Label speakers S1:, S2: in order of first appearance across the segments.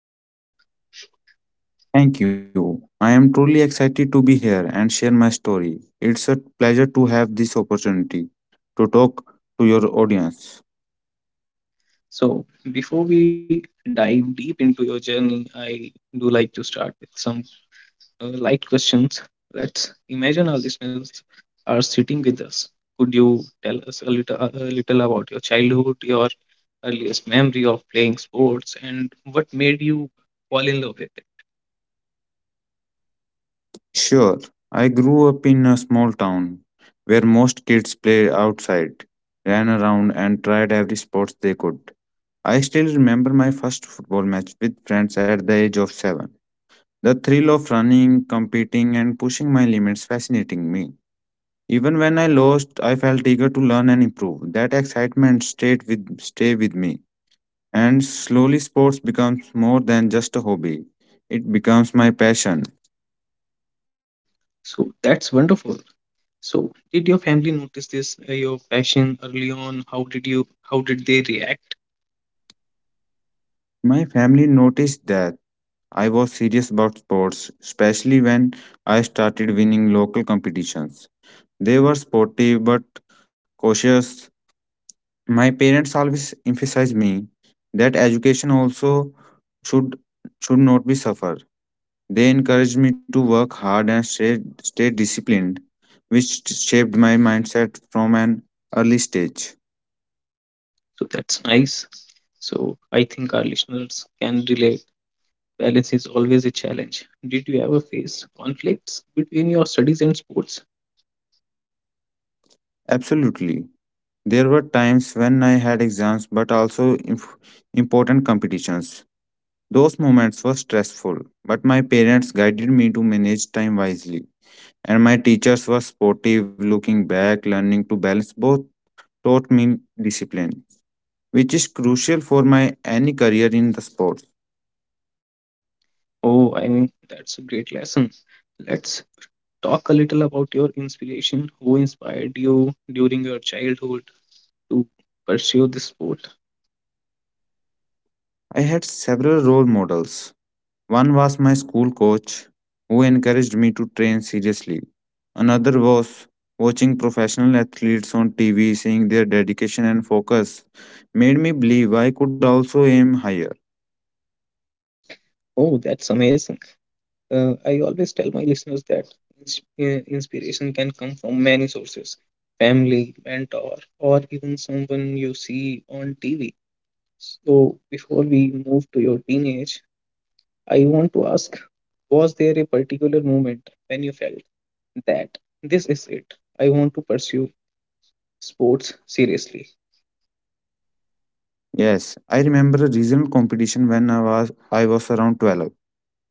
S1: Gurjot.
S2: Thank you. I am truly excited to be here and share my story. It's a pleasure to have this opportunity to talk to your audience.
S1: So, before we dive deep into your journey, I do like to start with some light questions. Let's imagine our listeners are sitting with us. Could you tell us a little about your childhood, your earliest memory of playing sports, and what made you fall in love with it?
S2: Sure, I grew up in a small town where most kids played outside, ran around, and tried every sport they could. I still remember my first football match with friends at the age of seven. The thrill of running, competing, and pushing my limits fascinating me. Even when I lost, I felt eager to learn and improve. That excitement stay with me. And slowly sports becomes more than just a hobby. It becomes my passion.
S1: So, that's wonderful. So, did your family notice this, your passion early on? How did they react?
S2: My family noticed that I was serious about sports, especially when I started winning local competitions. They were sportive but cautious. My parents always emphasized me that education also should should not be suffer. They encouraged me to work hard and stay disciplined, which shaped my mindset from an early stage.
S1: So that's nice. So I think our listeners can relate. Balance is always a challenge. Did you ever face conflicts between your studies and sports?
S2: Absolutely. There were times when I had exams but also important competitions. Those moments were stressful, but my parents guided me to manage time wisely. And my teachers were supportive. Looking back, learning to balance both taught me discipline, which is crucial for my any career in the sport.
S1: Oh, I mean, that's a great lesson. Let's talk a little about your inspiration. Who inspired you during your childhood to pursue this sport?
S2: I had several role models. One was my school coach, who encouraged me to train seriously. Another was watching professional athletes on TV, seeing their dedication and focus, made me believe I could also aim higher.
S1: Oh, that's amazing. I always tell my listeners that inspiration can come from many sources family, mentor, or even someone you see on TV. So, before we move to your teenage, I want to ask was there a particular moment when you felt that this is it? I want to pursue sports seriously?
S2: Yes, I remember a regional competition when I was around 12.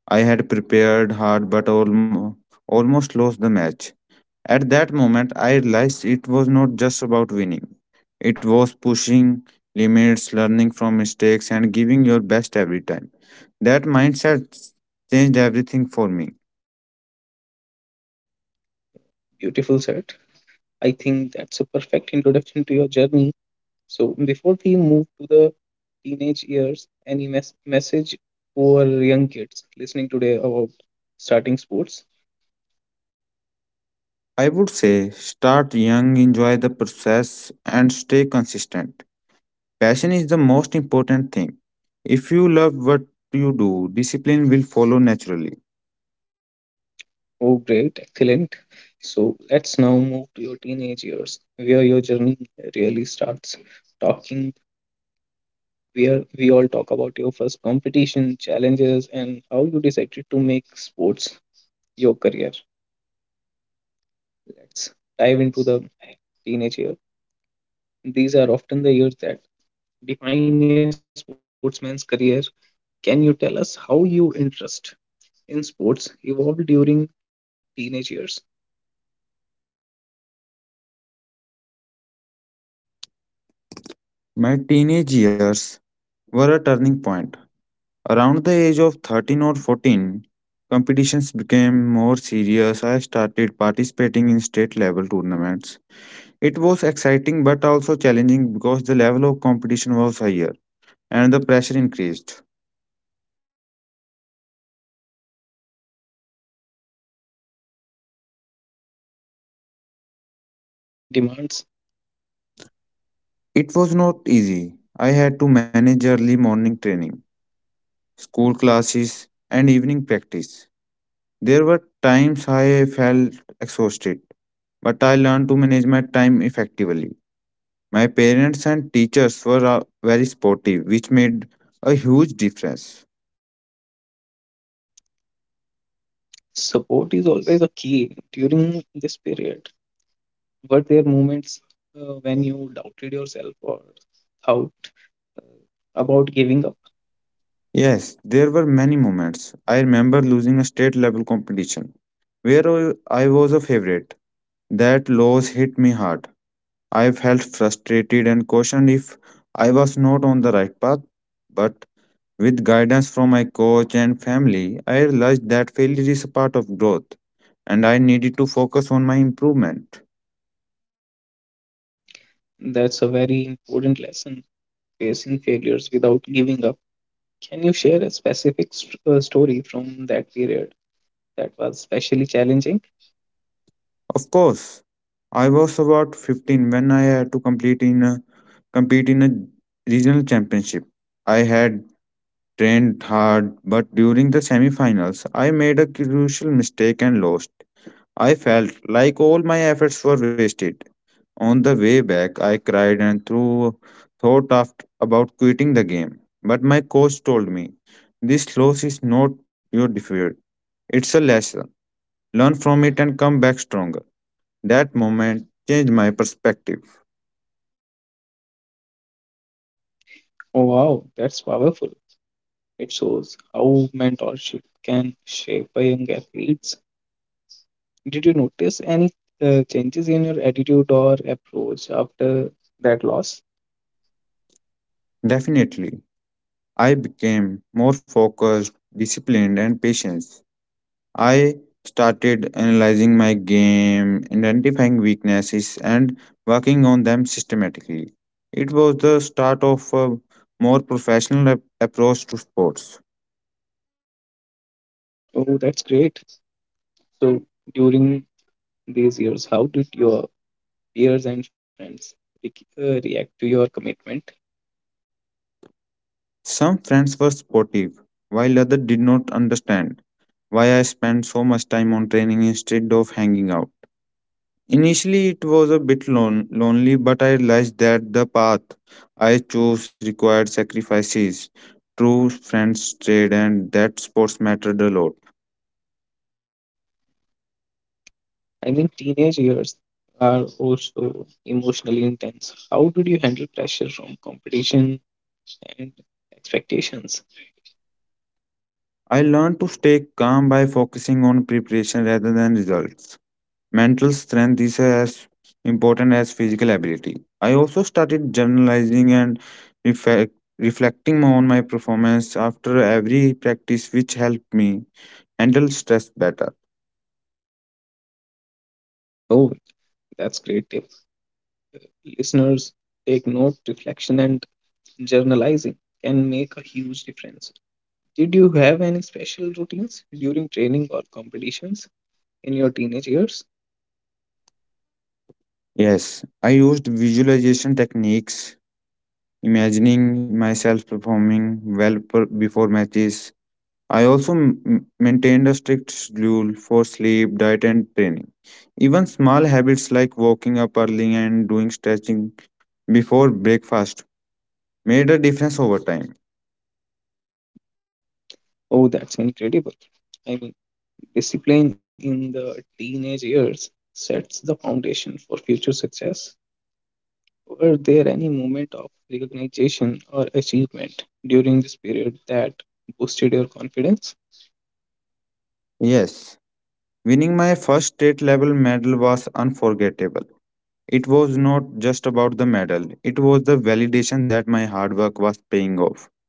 S2: I had prepared hard but almost lost the match. At that moment, I realized it was not just about winning. It was pushing limits, learning from mistakes, and giving your best every time. That mindset changed everything for me.
S1: Beautiful shirt. I think that's a perfect introduction to your journey. So before we move to the teenage years, any message for young kids listening today about starting sports?
S2: I would say start young, enjoy the process, and stay consistent. Passion is the most important thing. If you love what you do, discipline will follow naturally.
S1: Oh, great, excellent. So let's now move to your teenage years, where your journey really starts. Talking where we all talk about your first competition, challenges, and how you decided to make sports your career. Let's dive into the teenage year. These are often the years that define a sportsman's career. Can you tell us how your interest in sports evolved during teenage years?
S2: My teenage years were a turning point. Around the age of 13 or 14, competitions became more serious. I started participating in state level tournaments. It was exciting but also challenging because the level of competition was higher and the pressure increased.
S1: Oh, I can imagine, how did you balance school and increasing training demands?
S2: It was not easy. I had to manage early morning training, school classes, and evening practice. There were times I felt exhausted, but I learned to manage my time effectively. My parents and teachers were very supportive, which made a huge difference.
S1: Support is always a key during this period. Were there moments when you doubted yourself or thought uh, about giving up?
S2: Yes, there were many moments. I remember losing a state level competition where I was a favorite. That loss hit me hard. I felt frustrated and questioned if I was not on the right path. But with guidance from my coach and family, I realized that failure is a part of growth and I needed to focus on my improvement.
S1: That's a very important lesson, facing failures without giving up. Can you share a specific story from that period that was especially challenging?
S2: Of course, I was about 15 when I had to compete in a regional championship. I had trained hard, but during the semifinals, I made a crucial mistake and lost. I felt like all my efforts were wasted. On the way back, I cried and thought after, about quitting the game. But my coach told me, "This loss is not your defeat; it's a lesson. Learn from it and come back stronger." That moment changed my perspective.
S1: Oh, wow, that's powerful. It shows how mentorship can shape a young athletes. Did you notice any changes in your attitude or approach after that loss?
S2: Definitely, I became more focused, disciplined, and patient. I started analyzing my game, identifying weaknesses, and working on them systematically. It was the start of a more professional approach to sports.
S1: Oh, that's great. So, during these years, how did your peers and friends re- react to your commitment?
S2: Some friends were supportive, while others did not understand why I spent so much time on training instead of hanging out. Initially, it was a bit lonely, but I realized that the path I chose required sacrifices. True friends stayed, and that sports mattered a lot.
S1: I mean, teenage years are also emotionally intense. How did you handle pressure from competition and expectations?
S2: I learned to stay calm by focusing on preparation rather than results. Mental strength is as important as physical ability. I also started journalizing and reflecting on my performance after every practice, which helped me handle stress better.
S1: Oh, that's great tip. Listeners, take note, reflection, and journalizing can make a huge difference. Did you have any special routines during training or competitions in your teenage years?
S2: Yes, I used visualization techniques, imagining myself performing before matches. I also maintained a strict schedule for sleep, diet, and training. Even small habits like waking up early and doing stretching before breakfast made a difference over time.
S1: Oh, that's incredible. I mean, discipline in the teenage years sets the foundation for future success. Were there any moment of recognition or achievement during this period that boosted your confidence?
S2: Yes, winning my first state level medal was unforgettable. It was not just about the medal, it was the validation that my hard work was paying off.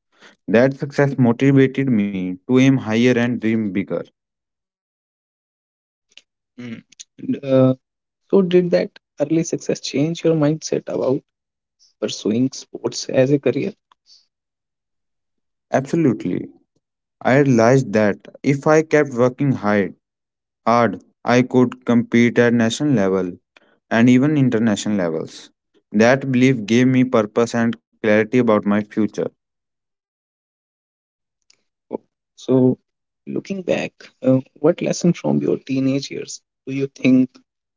S2: That success motivated me to aim higher and dream bigger.
S1: Mm. And, so, did that early success change your mindset about pursuing sports as a career?
S2: Absolutely. I realized that if I kept working hard, I could compete at national level and even international levels. That belief gave me purpose and clarity about my future.
S1: So, looking back, what lesson from your teenage years do you think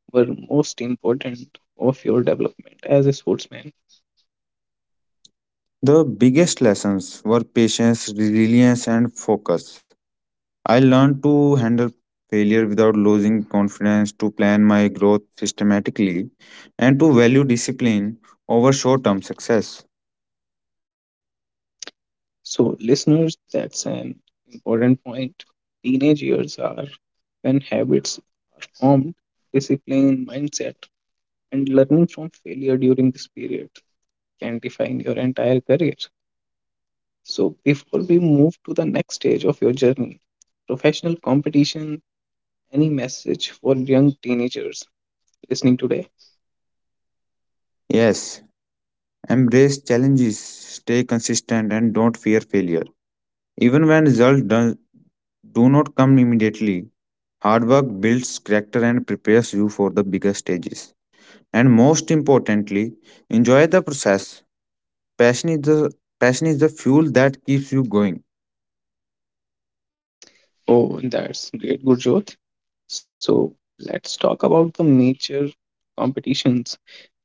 S1: were most important of your development as a sportsman?
S2: The biggest lessons were patience, resilience, and focus. I learned to handle failure without losing confidence, to plan my growth systematically, and to value discipline over short term success.
S1: So, listeners, that's an important point. Teenage years are when habits formed, discipline, mindset, and learning from failure during this period can define your entire career. So, before we move to the next stage of your journey, professional competition, any message for young teenagers listening today?
S2: Yes, embrace challenges, stay consistent, and don't fear failure. Even when do not come immediately, hard work builds character and prepares you for the bigger stages. And most importantly, enjoy the process. Passion is the Passion is the fuel that keeps you going.
S1: Oh, that's great, Gurjot. So, let's talk about the major competitions.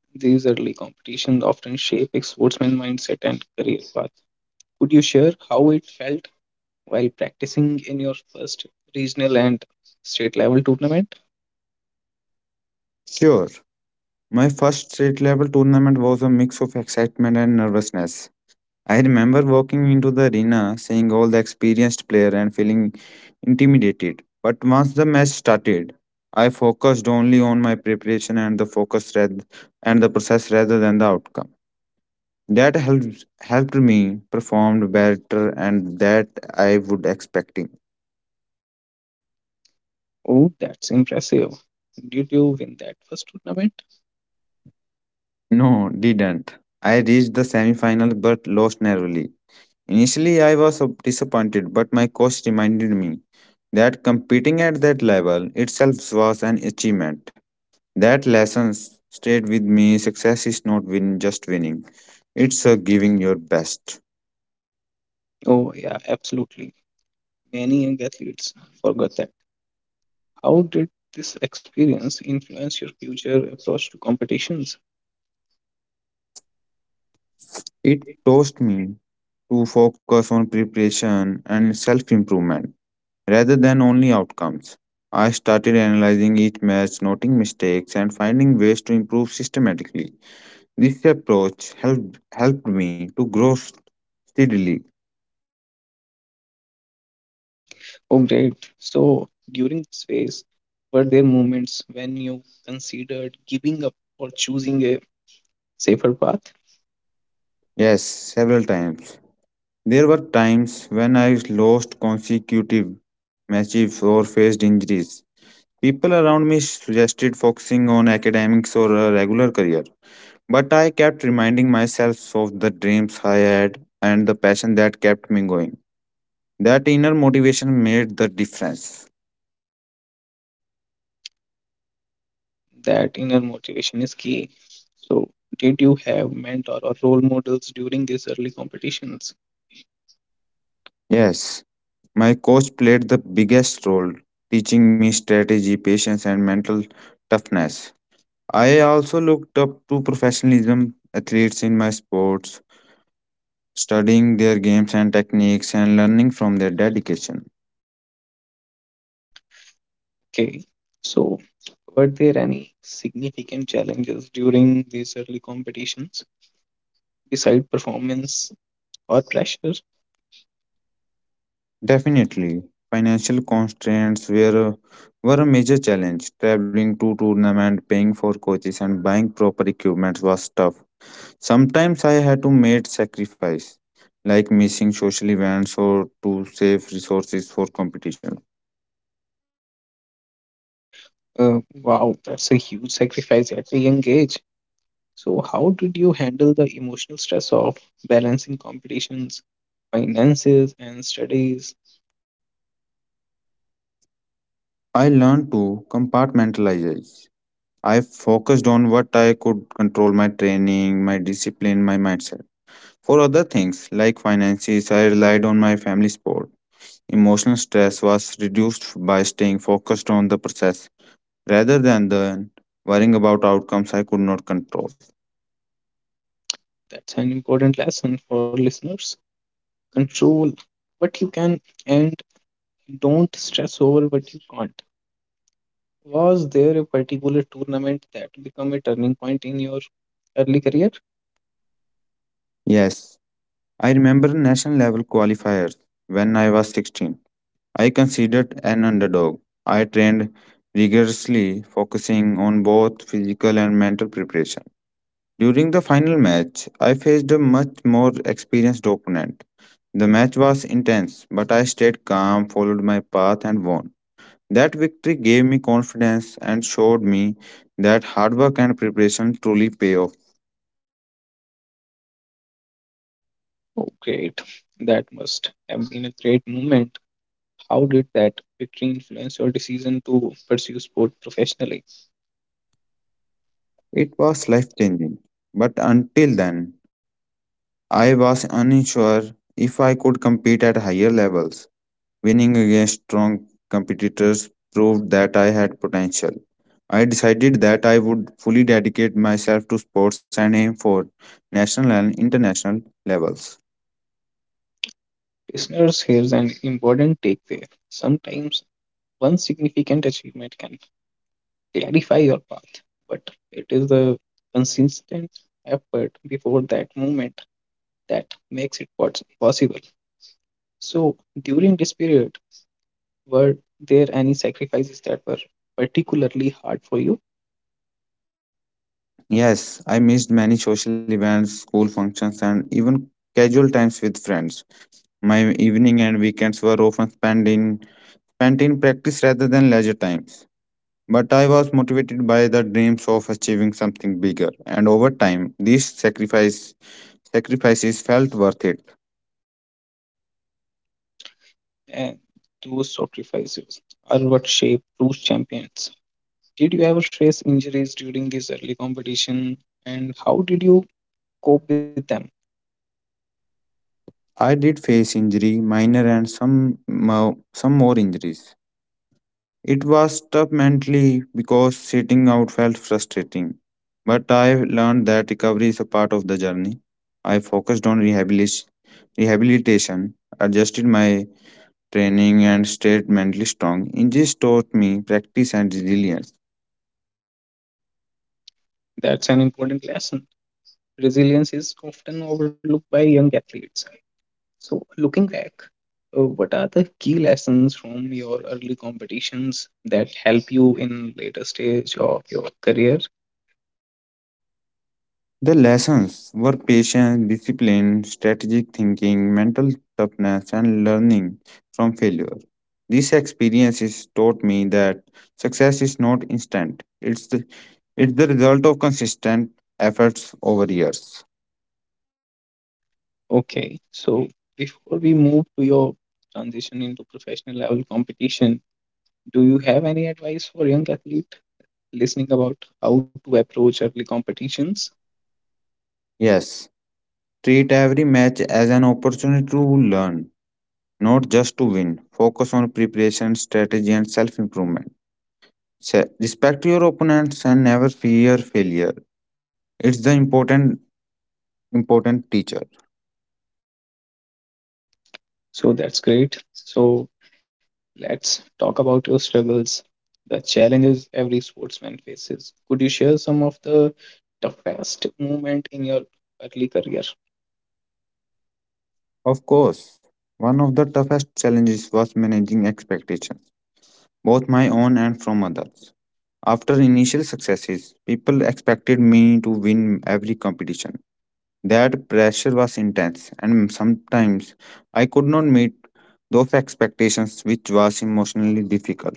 S1: These early competitions often shape a sportsman mindset and career path. Could you share how it felt while practicing in your first regional and state level tournament?
S2: Sure, my first state level tournament was a mix of excitement and nervousness. I remember walking into the arena, seeing all the experienced players and feeling intimidated. But once the match started, I focused only on my preparation and the focus rather, and the process rather than the outcome. That helps helped me perform better and that I would expecting.
S1: Oh, that's impressive. Did you win that first tournament?
S2: No, didn't. I reached the semi-final but lost narrowly. Initially, I was so disappointed, but my coach reminded me that competing at that level itself was an achievement. That lesson stayed with me. Success is not win just winning. It's a giving your best.
S1: Oh, yeah, absolutely. Many young athletes forgot that. How did this experience influence your future approach to competitions?
S2: It taught me to focus on preparation and self-improvement rather than only outcomes. I started analyzing each match, noting mistakes and finding ways to improve systematically. This approach helped me to grow steadily.
S1: Oh, great. So, during this phase, were there moments when you considered giving up or choosing a safer path?
S2: Yes, several times. There were times when I lost consecutive matches or faced injuries. People around me suggested focusing on academics or a regular career, but I kept reminding myself of the dreams I had and the passion that kept me going. That inner motivation made the difference.
S1: That inner motivation is key. So, did you have mentor or role models during these early competitions?
S2: Yes, my coach played the biggest role, teaching me strategy, patience, and mental toughness. I also looked up to professionalism athletes in my sports, studying their games and techniques and learning from their dedication.
S1: Okay. So, were there any significant challenges during these early competitions, beside performance or pressure?
S2: Definitely, financial constraints were, were a major challenge. Traveling to tournament, paying for coaches, and buying proper equipment was tough. Sometimes I had to make sacrifice, like missing social events or to save resources for competition.
S1: Wow, that's a huge sacrifice at a young age. So, how did you handle the emotional stress of balancing competitions, finances, and studies?
S2: I learned to compartmentalize. I focused on what I could control my training, my discipline, my mindset. For other things like finances, I relied on my family support. Emotional stress was reduced by staying focused on the process rather than the worrying about outcomes I could not control.
S1: That's an important lesson for listeners. Control what you can and don't stress over what you can't. Was there a particular tournament that became a turning point in your early career?
S2: Yes, I remember national level qualifiers when I was 16. I considered an underdog. I trained rigorously, focusing on both physical and mental preparation. During the final match, I faced a much more experienced opponent. The match was intense, but I stayed calm, followed my path, and won. That victory gave me confidence and showed me that hard work and preparation truly pay off.
S1: Oh, great. That must have been a great moment. How did that victory influence your decision to pursue sport professionally?
S2: It was life changing. But until then, I was unsure if I could compete at higher levels. Winning against strong competitors proved that I had potential. I decided that I would fully dedicate myself to sports and aim for national and international levels.
S1: Listeners, here's an important takeaway. Sometimes one significant achievement can clarify your path, but it is the consistent effort before that moment that makes it what's possible. So, during this period, were there any sacrifices that were particularly hard for you?
S2: Yes, I missed many social events, school functions, and even casual times with friends. My evening and weekends were often spent in practice rather than leisure times. But I was motivated by the dreams of achieving something bigger, and over time, these sacrifices felt worth it.
S1: And those sacrifices are what shape true champions. Did you ever face injuries during this early competition and how did you cope with them?
S2: I did face injury, minor and some more injuries. It was tough mentally because sitting out felt frustrating. But I learned that recovery is a part of the journey. I focused on rehabilitation, adjusted my training, and stayed mentally strong. Injuries taught me practice and resilience.
S1: That's an important lesson. Resilience is often overlooked by young athletes. So, looking back, what are the key lessons from your early competitions that help you in later stage of your career?
S2: The lessons were patience, discipline, strategic thinking, mental toughness, and learning from failure. These experiences taught me that success is not instant. It's the result of consistent efforts over years.
S1: Okay, so before we move to your transition into professional level competition, do you have any advice for young athlete listening about how to approach early competitions?
S2: Yes, treat every match as an opportunity to learn, not just to win. Focus on preparation, strategy, and self improvement. Respect your opponents and never fear failure. It's the important teacher.
S1: So that's great. So let's talk about your struggles, the challenges every sportsman faces. Could you share some of the toughest moment in your early career?
S2: Of course, one of the toughest challenges was managing expectations, both my own and from others. After initial successes, people expected me to win every competition. That pressure was intense, and sometimes I could not meet those expectations, which was emotionally difficult.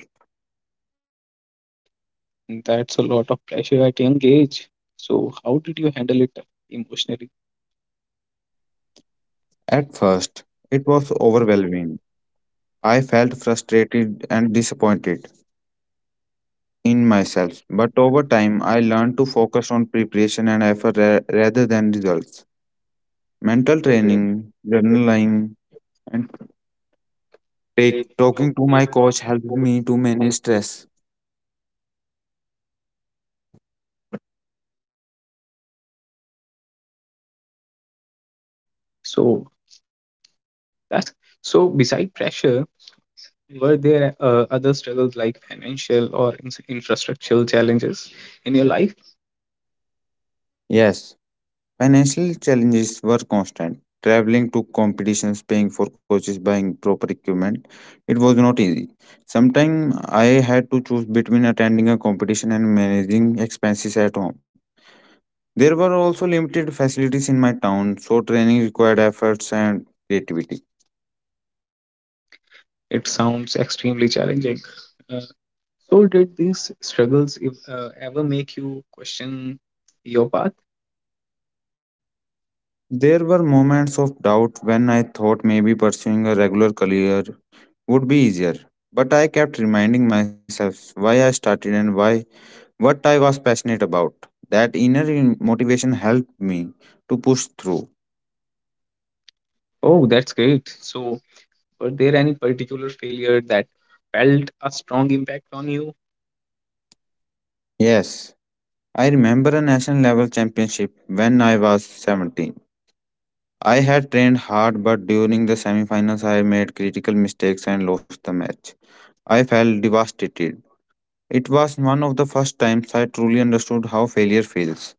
S1: That's a lot of pressure at young age. So how did you handle it emotionally?
S2: At first, it was overwhelming. I felt frustrated and disappointed in myself, but over time I learned to focus on preparation and rather than results. Mental training, journaling, and talking to my coach helped me to manage stress.
S1: So that's nice. So beside pressure, were there other struggles like financial or infrastructural challenges in your life?
S2: Yes, financial challenges were constant. Traveling to competitions, paying for coaches, buying proper equipment, it was not easy. Sometimes I had to choose between attending a competition and managing expenses at home. There were also limited facilities in my town, so training required efforts and creativity.
S1: It sounds extremely challenging. Uh, so, did these struggles if, ever make you question your path?
S2: There were moments of doubt when I thought maybe pursuing a regular career would be easier, but I kept reminding myself why I started and why what I was passionate about. That inner motivation helped me to push through.
S1: Oh, that's great. So, were there any particular failure that felt a strong impact on you?
S2: Yes, I remember a national level championship when I was 17. I had trained hard, but during the semifinals, I made critical mistakes and lost the match. I felt devastated. It was one of the first times I truly understood how failure feels,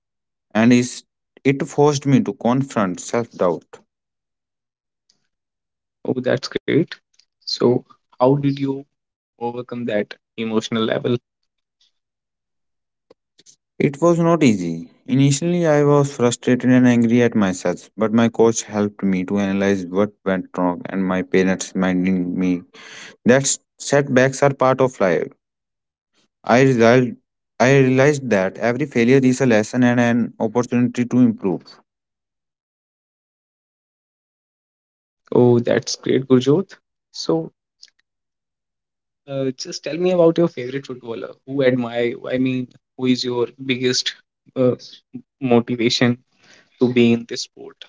S2: and it forced me to confront self doubt.
S1: Oh, that's great. So, how did you overcome that emotional level?
S2: It was not easy. Initially, I was frustrated and angry at myself, but my coach helped me to analyze what went wrong, and my parents reminded me that setbacks are part of life. I result I realized that every failure is a lesson and an opportunity to improve.
S1: Oh, that's great, Gurjot. So, just tell me about your favorite footballer. Who admire you? I mean, who is your biggest uh, motivation to be in this sport?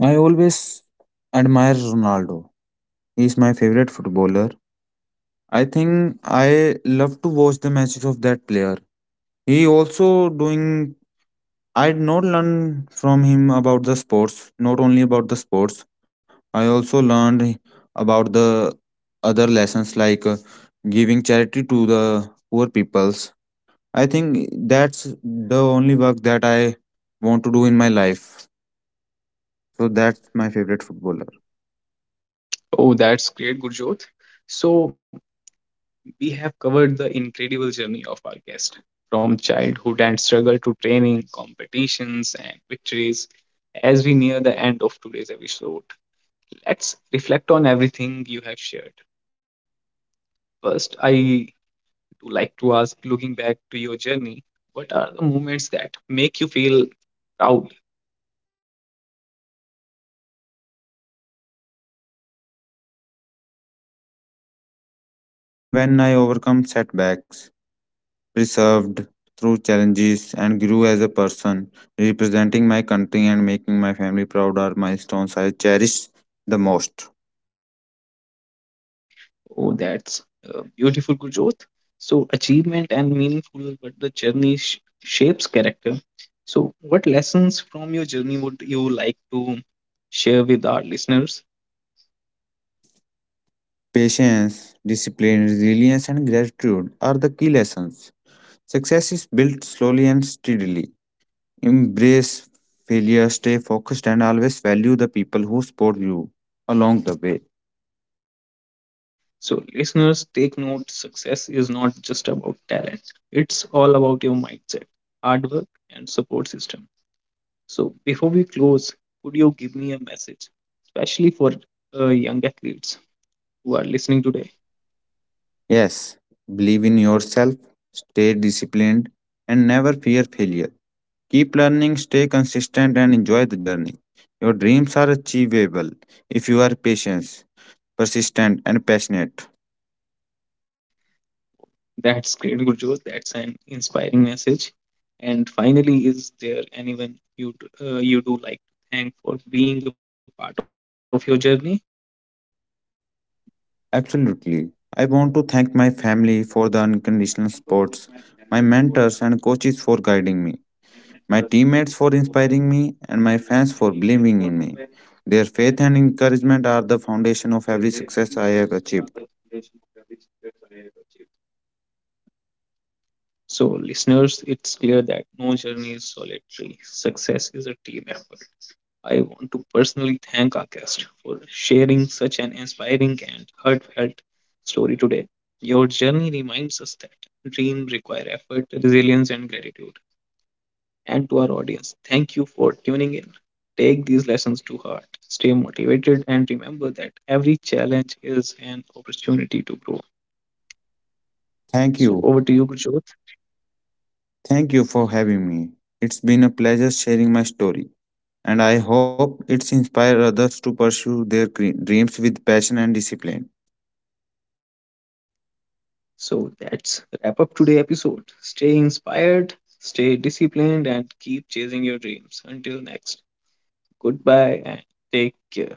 S2: I always admire Ronaldo. He is my favorite footballer. I think I love to watch the matches of that player. He also doing I did not learn from him about the sports, not only about the sports. I also learned about the other lessons like giving charity to the poor peoples. I think that's the only work that I want to do in my life. So that's my favorite footballer.
S1: Oh, that's great, Gurjot. So we have covered the incredible journey of our guest, from childhood and struggle to training, competitions, and victories. As we near the end of today's episode, let's reflect on everything you have shared. First, I to like to ask, looking back to your journey, what are the moments that make you feel proud?
S2: The moments that make me proudest are not just about medals or awards. It's the time when I overcome setbacks, preserved through challenges, and grew as a person. Representing my country and making my family proud are milestones I cherish the most.
S1: Oh, that's beautiful, Gurjot. So, achievement and meaningful, but the journey shapes character. So, what lessons from your journey would you like to share with our listeners?
S2: Patience, discipline, resilience, and gratitude are the key lessons. Success is built slowly and steadily. Embrace failure, stay focused, and always value the people who support you along the way.
S1: So, listeners, take note success is not just about talent, it's all about your mindset, hard work, and support system. So before we close, could you give me a message, especially for young athletes who are listening today?
S2: Yes, believe in yourself, stay disciplined, and never fear failure. Keep learning, stay consistent, and enjoy the journey. Your dreams are achievable if you are patient, persistent, and passionate.
S1: That's great, Gurjot. That's an inspiring message. And finally, is there anyone you do like to thank for being a part of your journey?
S2: Absolutely. I want to thank my family for the unconditional support, my mentors and coaches for guiding me, my teammates for inspiring me, and my fans for believing in me. Their faith and encouragement are the foundation of every success I have achieved.
S1: So, listeners, it's clear that no journey is solitary. Success is a team effort. I want to personally thank our guest for sharing such an inspiring and heartfelt story today. Your journey reminds us that dreams require effort, resilience, and gratitude. And to our audience, thank you for tuning in. Take these lessons to heart, stay motivated, and remember that every challenge is an opportunity to grow.
S2: Thank
S1: So, over
S2: you.
S1: to you, Gurjot.
S2: Thank you for having me. It's been a pleasure sharing my story, and I hope it's inspired others to pursue their dreams with passion and discipline.
S1: So that's wrap up today episode. Stay inspired, stay disciplined, and keep chasing your dreams. Until next, goodbye and take care.